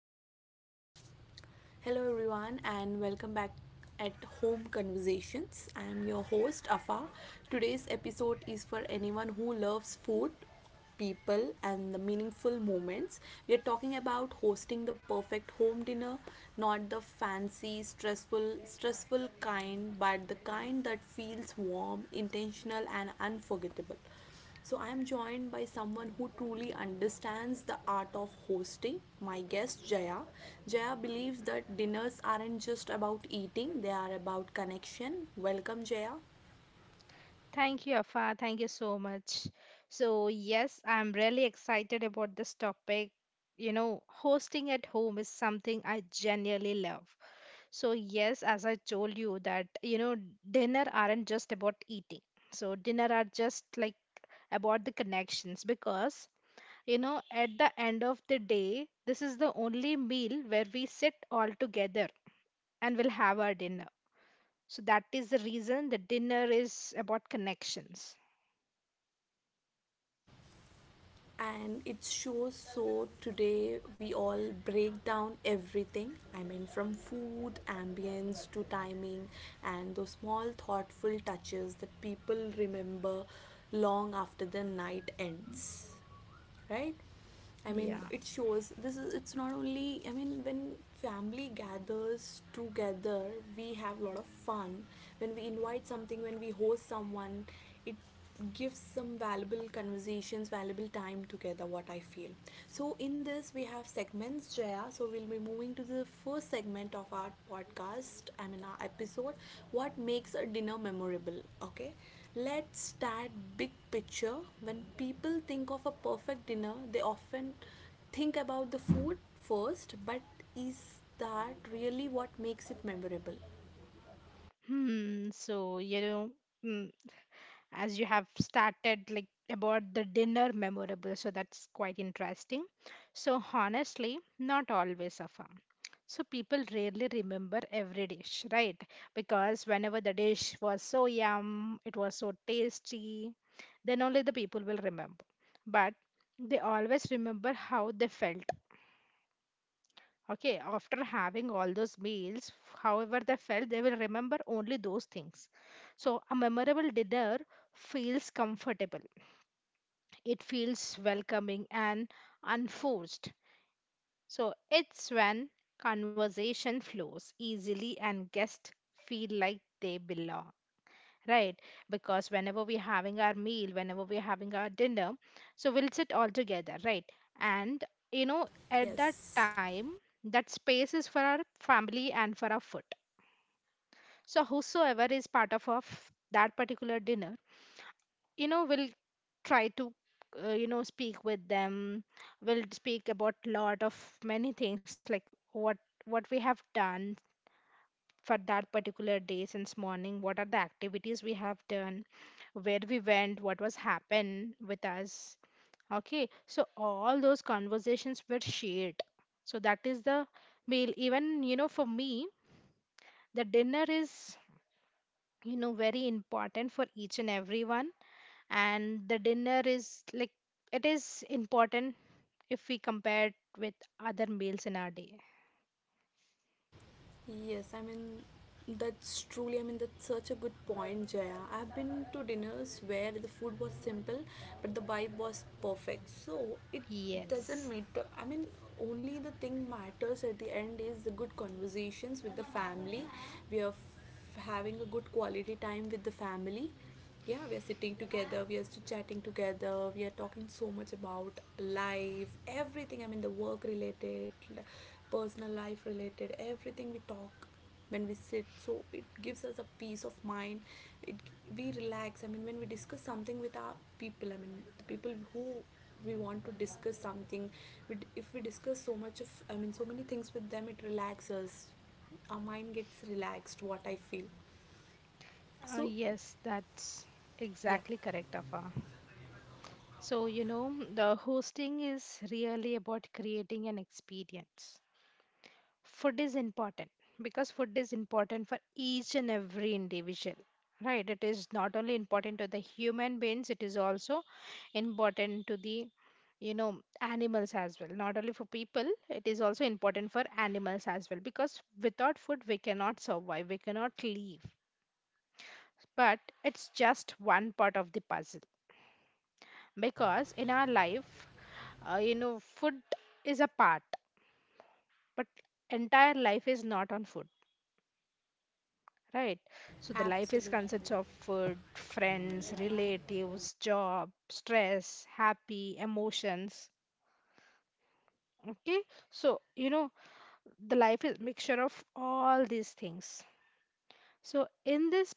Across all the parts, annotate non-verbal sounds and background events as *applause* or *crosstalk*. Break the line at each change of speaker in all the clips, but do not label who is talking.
podcast. Hello everyone and welcome back at Home Conversations. I am your host Afa. Today's episode is for anyone who loves food, people and the meaningful moments. We are talking about hosting the perfect home dinner, not the fancy, stressful kind, but the kind that feels warm, intentional and unforgettable. So, I am joined by someone who truly understands the art of hosting, my guest Jaya. Jaya believes that dinners aren't just about eating, they are about connection. Welcome, Jaya.
Thank you, Afa. Thank you so much. So, yes, I'm really excited about this topic. You know, hosting at home is something I genuinely love. So, yes, as I told you that, you know, dinner aren't just about eating. So, dinner are just like about the connections because, you know, at the end of the day, this is the only meal where we sit all together and we'll have our dinner. So, that is the reason the dinner is about connections.
And it shows. So today we all break down everything. I mean, from food, ambience to timing, and those small thoughtful touches that people remember long after the night ends. Right. I mean
Yeah.
it shows this is, it's not only, I mean when family gathers together we have a lot of fun. When we invite something, when we host someone, it gives some valuable conversations, valuable time together, what I feel. So in this we have segments, Jaya, so we'll be moving to the first segment of our podcast, I mean our episode, what makes a dinner memorable. Okay, let's start big picture. When people think of a perfect dinner, they often think about the food first, but is that really what makes it memorable?
Hmm. So, you know, mm, as you have started like about the dinner memorable, so that's quite interesting. So, honestly, not always a farm. So, people rarely remember every dish, right? Because whenever the dish was so yum, it was so tasty, then only the people will remember. But they always remember how they felt. Okay, after having all those meals, however they felt, they will remember only those things. So, a memorable dinner feels comfortable, it feels welcoming and unforced. So, it's when conversation flows easily and guests feel like they belong, right? Because whenever we're having our meal, whenever we're having our dinner, so we'll sit all together, right? And you know, at that
Yes.
time, that space is for our family and for our food. So whosoever is part of that particular dinner, you know, will try to you know, speak with them. We will speak about lot of many things like what what we have done for that particular day, since morning what are the activities we have done, where we went, what was happened with us. Okay, so all those conversations were shared. So that is the meal. Even you know, for me, the dinner is, you know, very important for each and everyone, and the dinner is like it is important if we compare it with other meals in our day.
Yes, I mean, that's truly, I mean, that's such a good point, Jaya. I've been to dinners where the food was simple, but the vibe was perfect. So it doesn't
Yes.
matter. I mean, only the thing matters at the end is the good conversations with the family. We are having a good quality time with the family. Yeah, we are sitting together, we are chatting together, we are talking so much about life, everything. I mean, the work related, l- personal life related, everything we talk when we sit. So it gives us a peace of mind. It, we relax. I mean, when we discuss something with our people, I mean, the people who we want to discuss something, if we discuss so much of, I mean, so many things with them, it relaxes. Our mind gets relaxed, what I feel.
Uh,
So
yes, that's
yeah,
exactly correct, Afa. So, you know, the hosting is really about creating an experience. Food is important because food is important for each and every individual, right? It is not only important to the human beings, it is also important to the, you know, animals as well. Not only for people, it is also important for animals as well, because without food we cannot survive, we cannot live. But it's just one part of the puzzle, because in our life, you know, food is a part, but entire life is not on food, right? So the life is
absolutely.
consists of food, friends, relatives, job, stress, happy, emotions. Okay, so you know, the life is mixture of all these things. So in this,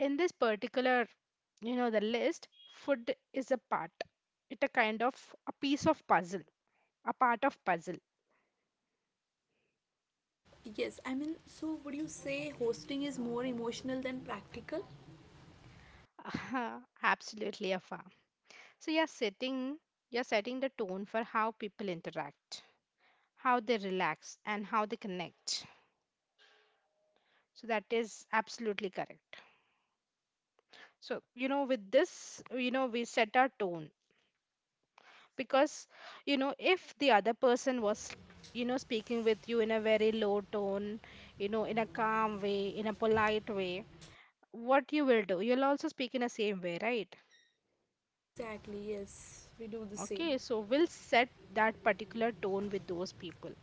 in this particular, you know, the list, food is a part. It a kind of a piece of puzzle, a part of puzzle.
Yes, I mean, so would you say hosting is more emotional than practical?
*laughs* Absolutely, Afa. So you're setting the tone for how people interact, how they relax, and how they connect. So that is absolutely correct. So, you know, with this, you know, we set our tone because, you know, if the other person was, you know, speaking with you in a very low tone, you know, in a calm way, in a polite way, what you will do, you'll also speak in the same way, right?
Exactly, yes, we do the same.
Okay, so we'll set that particular tone with those people.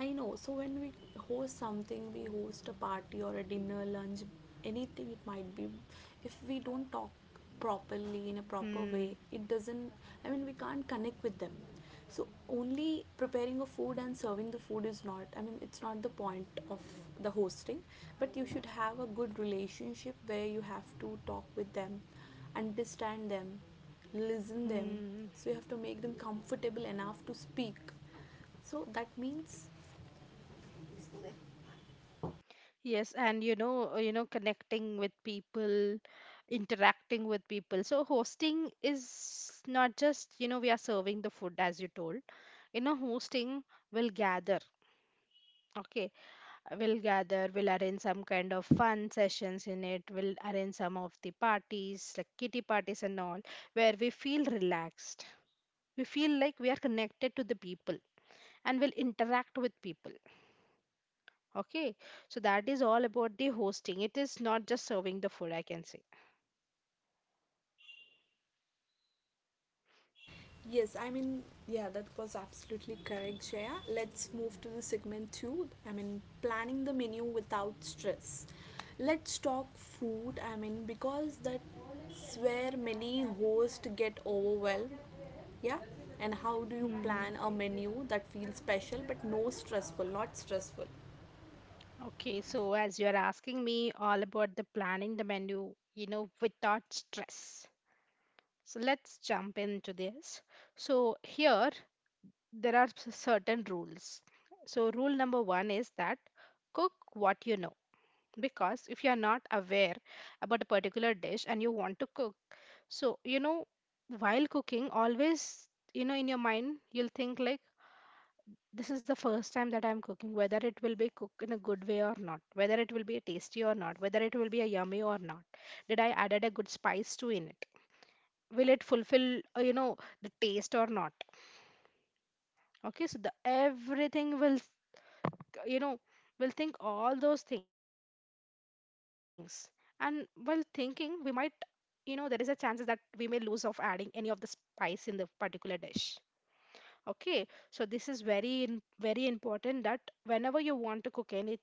I know. So when we host something, we host a party or a dinner, lunch, anything it might be. If we don't talk properly in a proper
Hmm.
way, it doesn't. I mean, we can't connect with them. So only preparing a food and serving the food is not. I mean, it's not the point of the hosting. But you should have a good relationship where you have to talk with them, understand them, listen them.
Hmm.
So you have to make them comfortable enough to speak, so that means.
Yes, and you know, connecting with people, interacting with people. So hosting is not just, you know, we are serving the food as you told. You know, hosting will gather. Okay, we'll gather, we'll arrange some kind of fun sessions in it, we'll arrange some of the parties, like kitty parties and all, where we feel relaxed. We feel like we are connected to the people and we'll interact with people. Okay, so that is all about the hosting. It is not just serving the food, I can say.
Yes, I mean, yeah, that was absolutely correct, Shreya. Let's move to the segment two. I mean, planning the menu without stress. Let's talk food. I mean, because that's where many hosts get overwhelmed. Yeah, and how do you plan
Hmm.
a menu that feels special but no stressful, not stressful?
Okay, so as you are asking me all about the planning the menu, you know, without stress. So let's jump into this. So here there are certain rules. So rule number one is that cook what you know. Because if you are not aware about a particular dish and you want to cook, so you know, while cooking, always you know in your mind you'll think like this is the first time that I'm cooking, whether it will be cooked in a good way or not, whether it will be tasty or not, whether it will be a yummy or not. Did I added a good spice to in it? Will it fulfill, you know, the taste or not? Okay, so the everything will, you know, will think all those things. And while thinking, we might, you know, there is a chances that we may lose of adding any of the spice in the particular dish. Okay, so this is very, very important that whenever you want to cook anything,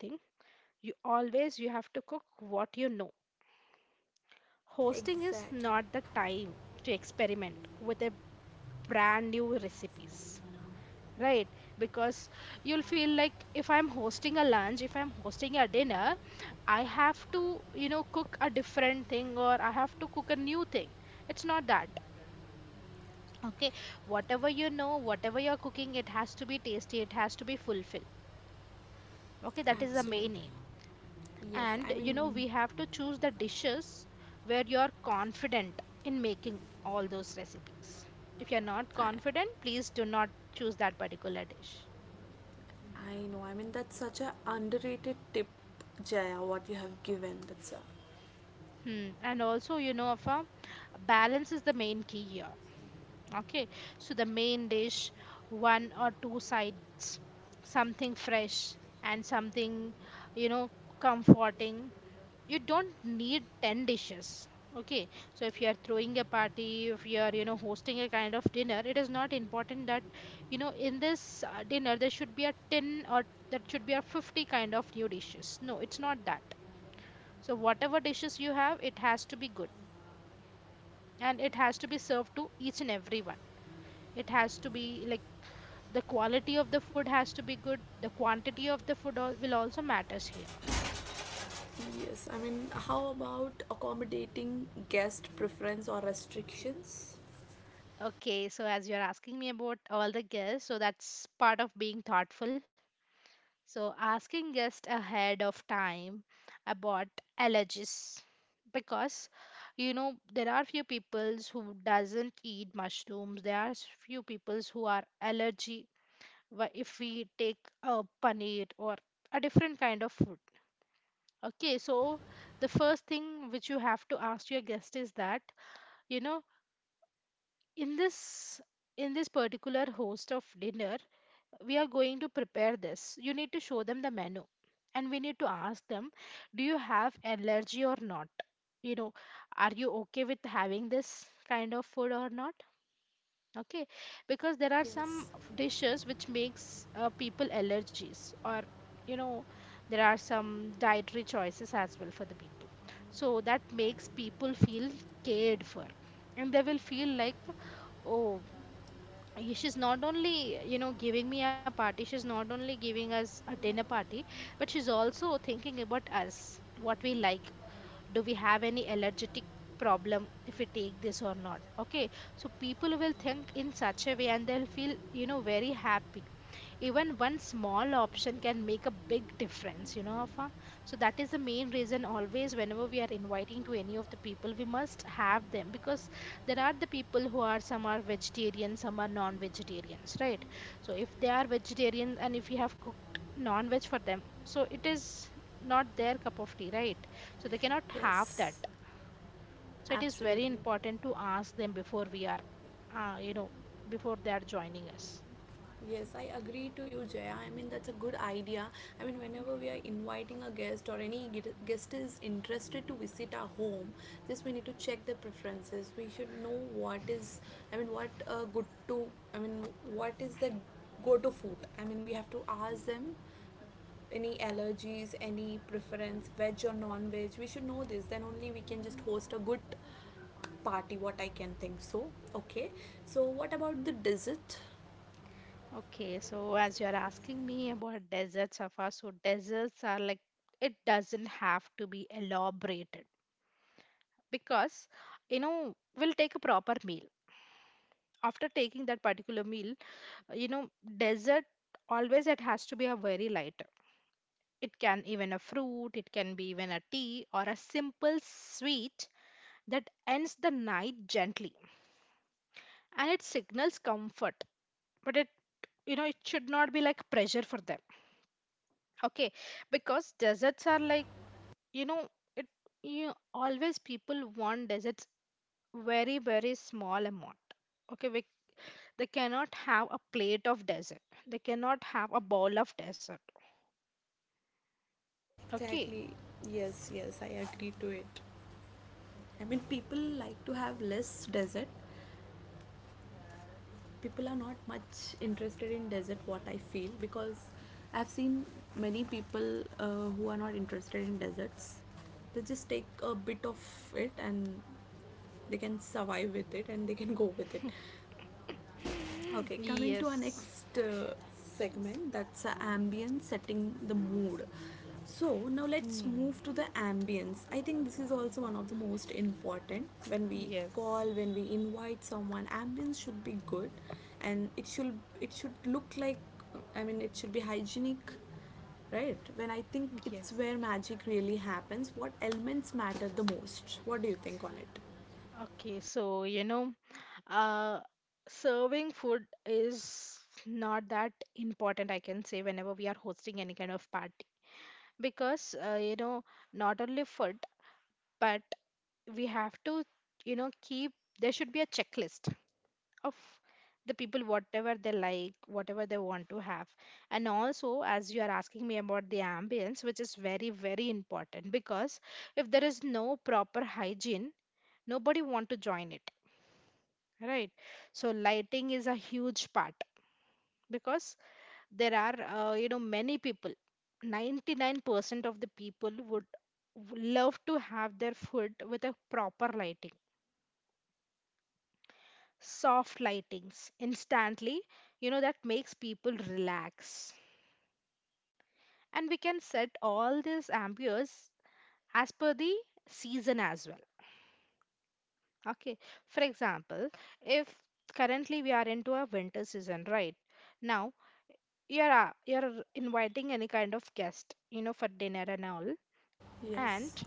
you always you have to cook what you know. Hosting is
Exactly.
not the time to experiment with a brand new recipes, right? Because you'll feel like if I'm hosting a lunch, if I'm hosting a dinner, I have to, you know, cook a different thing or I have to cook a new thing. It's not that. Okay, whatever you know, whatever you're cooking it has to be tasty, it has to be fulfilled. Okay, that is the main aim.
Absolutely. Yes,
And
I
you know, we
mean,
have to choose the dishes where you're confident in making all those recipes. If you're not
I,
confident, please do not choose that particular dish.
I know. I mean, that's such a underrated tip, Jaya, what you have given. That's a.
Hmm. And also you know, of a balance is the main key here. Okay, so the main dish, one or two sides, something fresh, and something, you know, comforting. You don't need 10 dishes. Okay, so if you are throwing a party, if you are, you know, hosting a kind of dinner, it is not important that, you know, in this dinner there should be a 10 or that should be a 50 kind of new dishes. No, it's not that. So whatever dishes you have, it has to be good, and it has to be served to each and everyone. It has to be like the quality of the food has to be good, the quantity of the food will also matters here.
Yes, I mean, how about accommodating guest preference or restrictions?
Okay, so as you're asking me about all the guests, so that's part of being thoughtful. So asking guests ahead of time about allergies, because you know there are few peoples who doesn't eat mushrooms. There are few peoples who are allergy if we take a paneer or a different kind of food. Okay, so the first thing which you have to ask your guest is that, you know, in this, in this particular host of dinner we are going to prepare this. You need to show them the menu and we need to ask them, do you have allergy or not? You know, are you okay with having this kind of food or not? Okay, because there are some
Yes,
dishes which makes people allergies or, you know, there are some dietary choices as well for the people. So that makes people feel cared for, and they will feel like, oh, she's not only, you know, giving me a party, she's not only giving us a dinner party, but she's also thinking about us, what we like. Do we have any allergic problem if we take this or not? Okay, so people will think in such a way and they'll feel, you know, very happy. Even one small option can make a big difference, you know, Afa. So that is the main reason. Always whenever we are inviting to any of the people, we must have them because there are the people who are, some are vegetarian, some are non-vegetarians, right? So if they are vegetarian and if you have cooked non-veg for them, so it is not their cup of tea, right? So they cannot have that.
yes,
So it is very
absolutely.
important to ask them before we are, you know, before they are joining us.
Yes, I agree to you, Jaya. I mean, that's a good idea. I mean, whenever we are inviting a guest or any guest is interested to visit our home, just we need to check their preferences. We should know what is, I mean, what good to, I mean, what is the go to food. I mean, we have to ask them any allergies, any preference, veg or non veg. We should know this. Then only we can just host a good party, what I can think. So, okay. So, what about the dessert?
Okay, so as you're asking me about deserts, Safa, so deserts are like, it doesn't have to be elaborated, because you know we'll take a proper meal. After taking that particular meal, you know, dessert, always it has to be a very lighter. It can even a fruit, it can be even a tea or a simple sweet that ends the night gently and it signals comfort, but it, you know, it should not be like pressure for them. Okay, because deserts are like, you know, it, you always people want deserts very, very small amount. Okay, we, they cannot have a plate of desert. They cannot have a bowl of desert. Okay. *laughs*
Exactly. Yes, yes, I agree to it. I mean, people like to have less desert. People are not much interested in desert, what I feel, because I've seen many people who are not interested in deserts. They just take a bit of it and they can survive with it and they can go with it. Okay, coming to our
Yes.
next segment, that's ambience, setting the mood. So now let's
Hmm.
move to the ambience. I think this is also one of the most important. When we
Yes.
call, when we invite someone, ambience should be good and it should, it should look like, I mean it should be hygienic, right? When I think it's
Yes.
where magic really happens, what elements matter the most? What do you think on it?
Okay, so you know, uh, serving food is not that important, I can say, whenever we are hosting any kind of party because not only food but we have to keep there should be a checklist of the people whatever they like whatever they want to have. And also as you are asking me about the ambience, which is very very important, because if there is no proper hygiene nobody want to join it, right? So lighting is a huge part because there are many people. 99% of the people would love to have their food with a proper lighting. Soft lightings instantly, you know, that makes people relax, and we can set all these ambience as per the season as well. Okay, for example, if currently we are into a winter season right now, you're inviting any kind of guest, you know, for dinner and all. And,
Yes.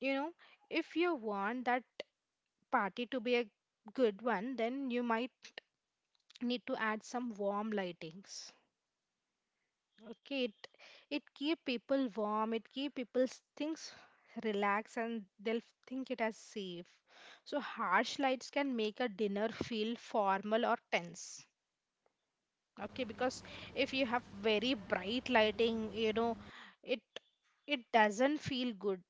you know, if you want that party to be a good one, then you might need to add some warm lightings. Okay, it keep people warm, it keep people's things relaxed, and they'll think it as safe. So harsh lights can make a dinner feel formal or tense. Okay, because if you have very bright lighting, you know, it it doesn't feel good.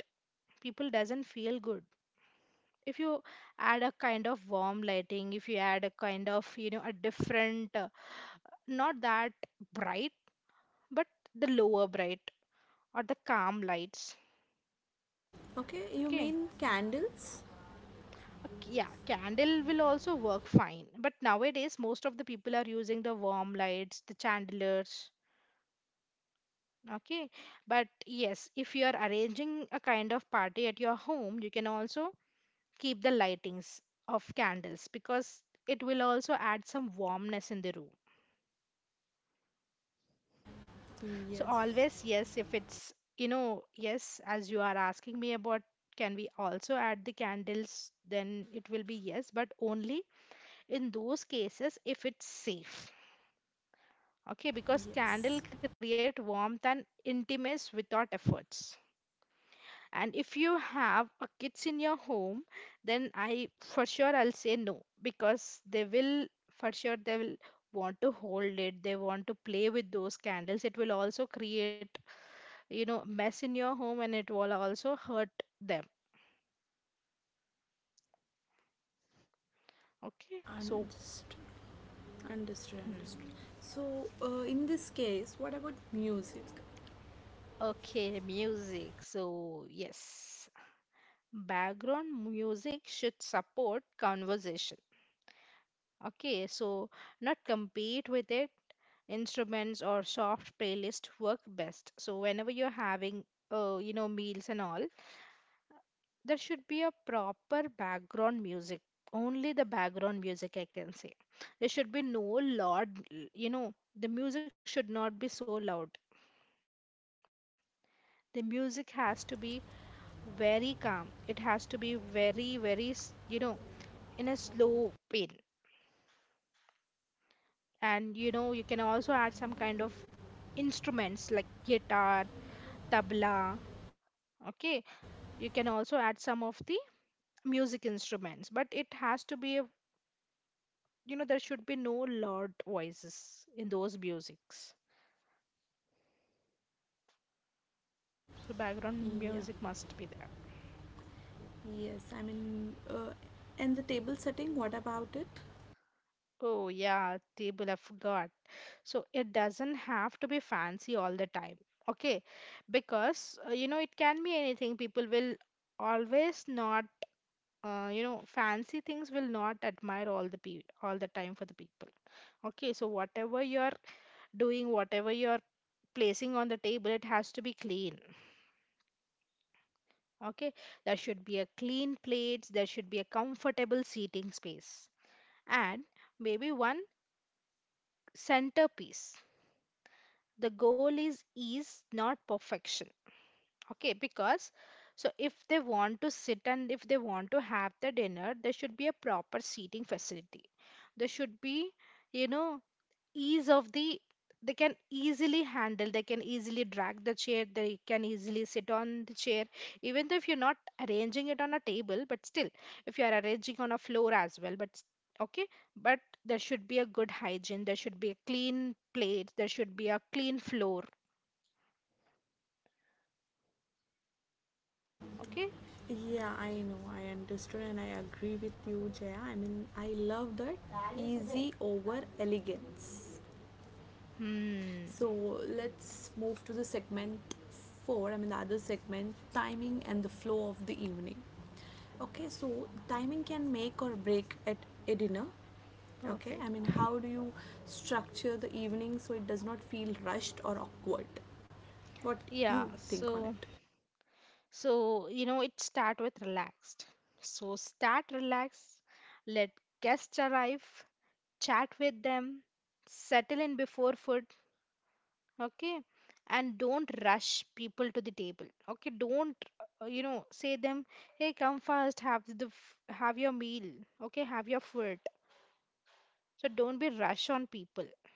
People doesn't feel good. If you add a kind of warm lighting, if you add a kind of, you know, a different not that bright but the lower bright or the calm lights.
Okay, you
Okay.
mean candles?
A yeah, candle will also work fine, but nowadays most of the people are using the warm lights, the chandeliers. Okay, but yes, if you are arranging a kind of party at your home, you can also keep the lightings of candles, because it will also add some warmness in the room. So
Yes.
always, yes, if it's, you know, yes, as you are asking me about can we also add the candles, then it will be yes, but only in those cases if it's safe. Okay, because candle
Yes,
create warmth and intimacy without efforts. And if you have a kids in your home, then I for sure I'll say no, because they will for sure they will want to hold it, they want to play with those candles. It will also create, you know, mess in your home, and it will also hurt them. Okay, so
understood,
hmm.
understood. So, in this case, what about music?
Okay, music, so yes, background music should support conversation. Okay, so not compete with it. Instruments or soft playlist work best. So whenever you're having meals and all, there should be a proper background music. Only the background music, I can say. There should be no loud, you know, the music should not be so loud. The music has to be very calm. It has to be very very you know, in a slow pace. And you know, you can also add some kind of instruments like guitar, tabla. Okay, you can also add some of the music instruments, but it has to be a, you know, there should be no loud voices in those musics. So background
Yeah,
music must be there.
yes, I mean, and the table setting, what about it?
Oh yeah, table, I forgot. So it doesn't have to be fancy all the time. Okay, because it can be anything. People will always not fancy things will not admire all the all the time for the people. Okay, so whatever you're doing, whatever you're placing on the table, it has to be clean. Okay, there should be a clean plates, there should be a comfortable seating space, and maybe one centerpiece. The goal is ease, not perfection. Okay, because so if they want to sit and if they want to have the dinner, there should be a proper seating facility. There should be, you know, ease of the they can easily handle, they can easily drag the chair, they can easily sit on the chair. Even though if you're not arranging it on a table, but still, if you are arranging on a floor as well but okay, but there should be a good hygiene, there should be a clean plate, there should be a clean floor. Okay.
Yeah, I know, I understood, and I agree with you, Jaya. I mean, I love that easy over elegance.
Hmm.
So let's move to the segment four, I mean, the other segment, timing and the flow of the evening. Okay, so timing can make or break at a dinner. Okay,
Perfect.
I mean, how do you structure the evening so it does not feel rushed or awkward? What
yeah
you think on
so
it?
so you know, it start with relaxed. So start relaxed, let guests arrive, chat with them, settle in before food, okay? And don't rush people to the table, okay? Don't, you know, say them, hey, come first, have the have your meal, okay? Have your food. So don't be rush on people. *laughs*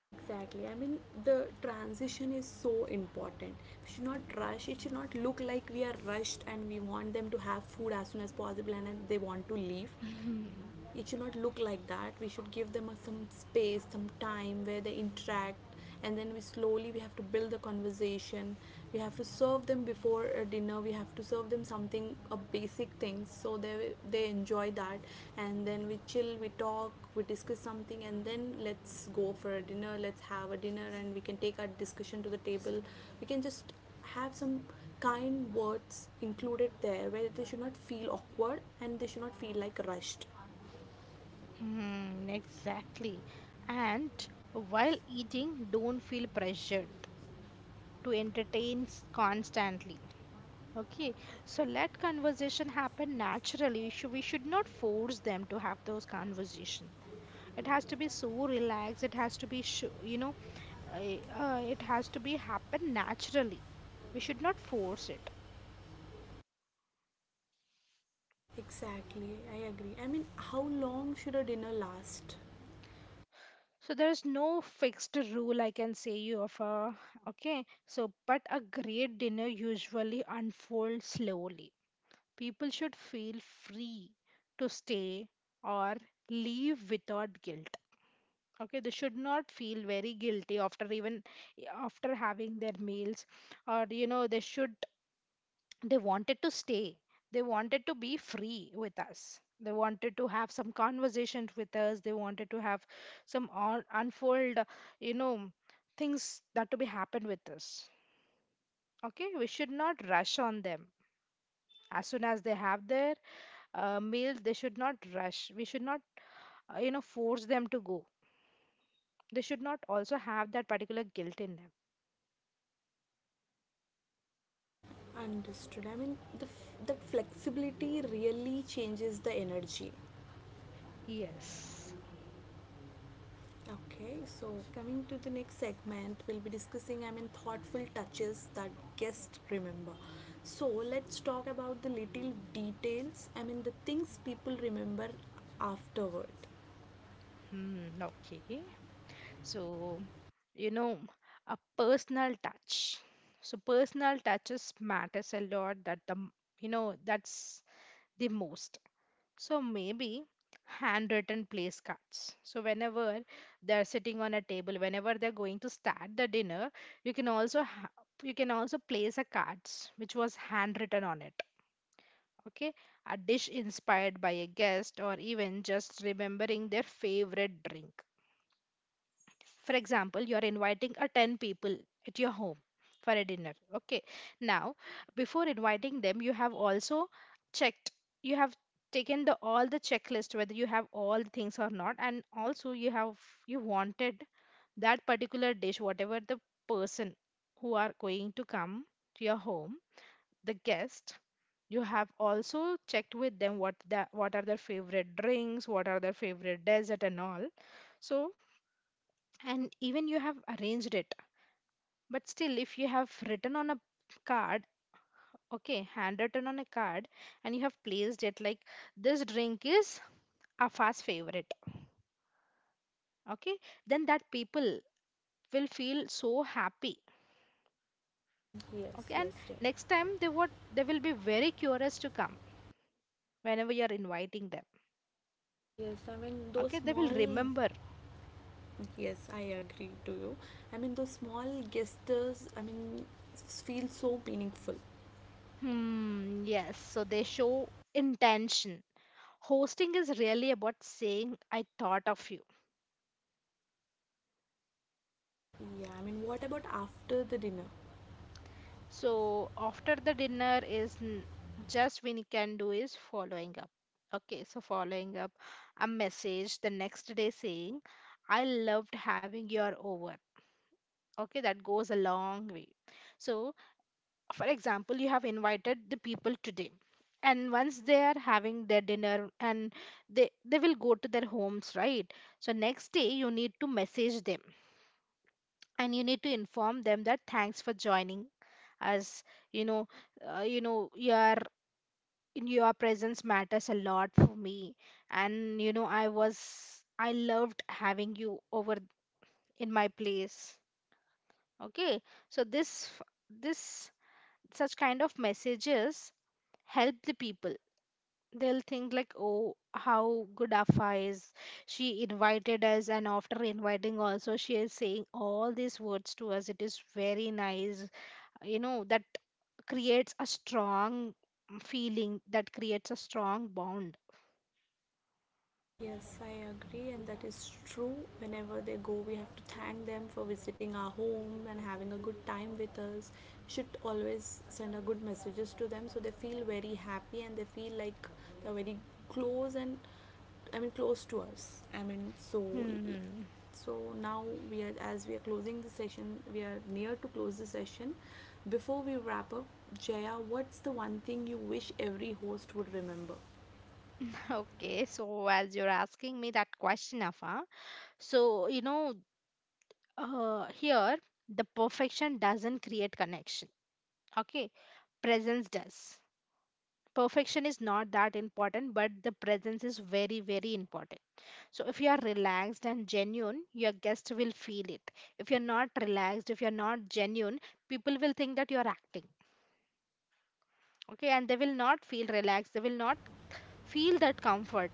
Exactly. I mean, the transition is so important. We should not rush. It should not look like we are rushed and we want them to have food as soon as possible and then they want to leave.
Mhm.
It should not look like that. We should give them a, some space, some time where they interact, and then we slowly we have to build the conversation. We have to serve them before dinner, we have to serve them something, a basic things so they enjoy that. And then we chill, we talk, we discuss something, and then let's go for a dinner, let's have a dinner, and we can take our discussion to the table. We can just have some kind words included there, where they should not feel awkward and they should not feel like rushed.
Hmm, exactly. And while eating, don't feel pressured to entertain constantly. Okay, so let conversation happen naturally. We should not force them to have those conversation. It has to be so relaxed. It has to be, it has to be happen naturally. We should not force it.
Exactly, I agree. I mean, how long should a dinner last?
So there is no fixed rule, I can say, you of a. Okay. So but a great dinner usually unfolds slowly. People should feel free to stay or leave without guilt. Okay, they should not feel very guilty after, even after having their meals. Or you know, they should, they wanted to stay, they wanted to be free with us, they wanted to have some conversations with us, they wanted to have some on, unfold you know things that to be happened with us. Okay, we should not rush on them. As soon as they have their meals, they should not rush. We should not force them to go. They should not also have that particular guilt in them.
Understood. I mean, the that flexibility really changes the energy.
Yes.
Okay, so coming to the next segment, we'll be discussing, I mean, thoughtful touches that guests remember. So let's talk about the little details. I mean, the things people remember afterward.
Hmm, okay. So, you know, a personal touch. So personal touches matters a lot that the you know, that's the most. So maybe handwritten place cards. So whenever they're sitting on a table, whenever they're going to start the dinner, you can also you can also place a cards which was handwritten on it. Okay, a dish inspired by a guest or even just remembering their favorite drink. For example, you're inviting a 10 people at your home for a dinner, okay? Now, before inviting them, you have also checked, you have taken the all the checklist whether you have all the things or not. And also you have, you wanted that particular dish whatever the person who are going to come to your home, the guest, you have also checked with them what the what are their favorite drinks, what are their favorite dessert and all. So, and even you have arranged it, but still, if you have written on a card, okay, handwritten on a card, and you have placed it like this drink is a fast favorite, okay, then that people will feel so happy,
Yes,
okay,
yes,
and
Jay.
next time they would they will be very curious to come whenever you are inviting them,
Yes, I mean those
okay, they will
small.
remember.
Yes, I agree to you. I mean, those small gestures, I mean, feel so meaningful.
Hmm, yes, so they show intention. Hosting is really about saying I thought of you.
Yeah, I mean, what about after the dinner?
So after the dinner is just we can do is following up. Okay, so following up a message the next day saying, I loved having your over. Okay, that goes a long way. So, for example, you have invited the people today. And once they are having their dinner and they will go to their homes, right? So next day you need to message them, and you need to inform them that thanks for joining. As you know, uh, you know your your presence matters a lot for me. And you know, I loved having you over in my place, okay? So this this such kind of messages help the people. They'll think like, oh, how good Afa is, she invited us, and after inviting also she is saying all these words to us, it is very nice. You know, that creates a strong feeling, that creates a strong bond.
Yes, I agree, and that is true. Whenever they go, we have to thank them for visiting our home and having a good time with us. Should always send a good messages to them so they feel very happy and they feel like they're very close and, I mean, close to us. I mean, so
Hmm.
so now we are, as we are closing the session, we are near to close the session. Before we wrap up, Jaya, what's the one thing you wish every host would remember?
*laughs* Okay, so as you're asking me that question, Afa, so you know, here the perfection doesn't create connection. Okay, presence does. Perfection is not that important, but the presence is very, very important. So if you are relaxed and genuine, your guest will feel it. If you're not relaxed, if you're not genuine, people will think that you're acting. Okay, and they will not feel relaxed, they will not feel that comfort.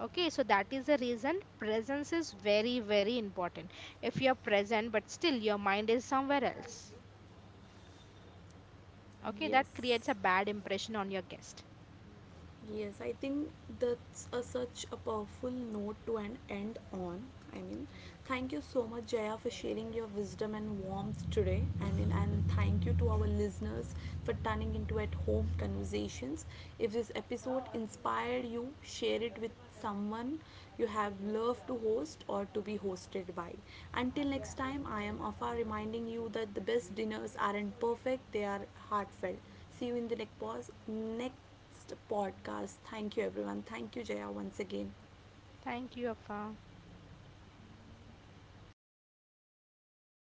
Okay, so that is the reason presence is very very important. If you are present but still your mind is somewhere else, okay, that creates
Yes.
a bad impression on your guest.
Yes, I think that's a, such a powerful note to an end on. I mean, thank you so much, Jaya, for sharing your wisdom and warmth today. I mean, and thank you to our listeners for turning into At Home Conversations. If this episode inspired you, share it with someone you have loved to host or to be hosted by. Until next time, I am Afa, reminding you that the best dinners aren't perfect, they are heartfelt. See you in the next pause. Next podcast. Thank you, everyone. Thank you, Jaya, once again.
Thank you, Afa.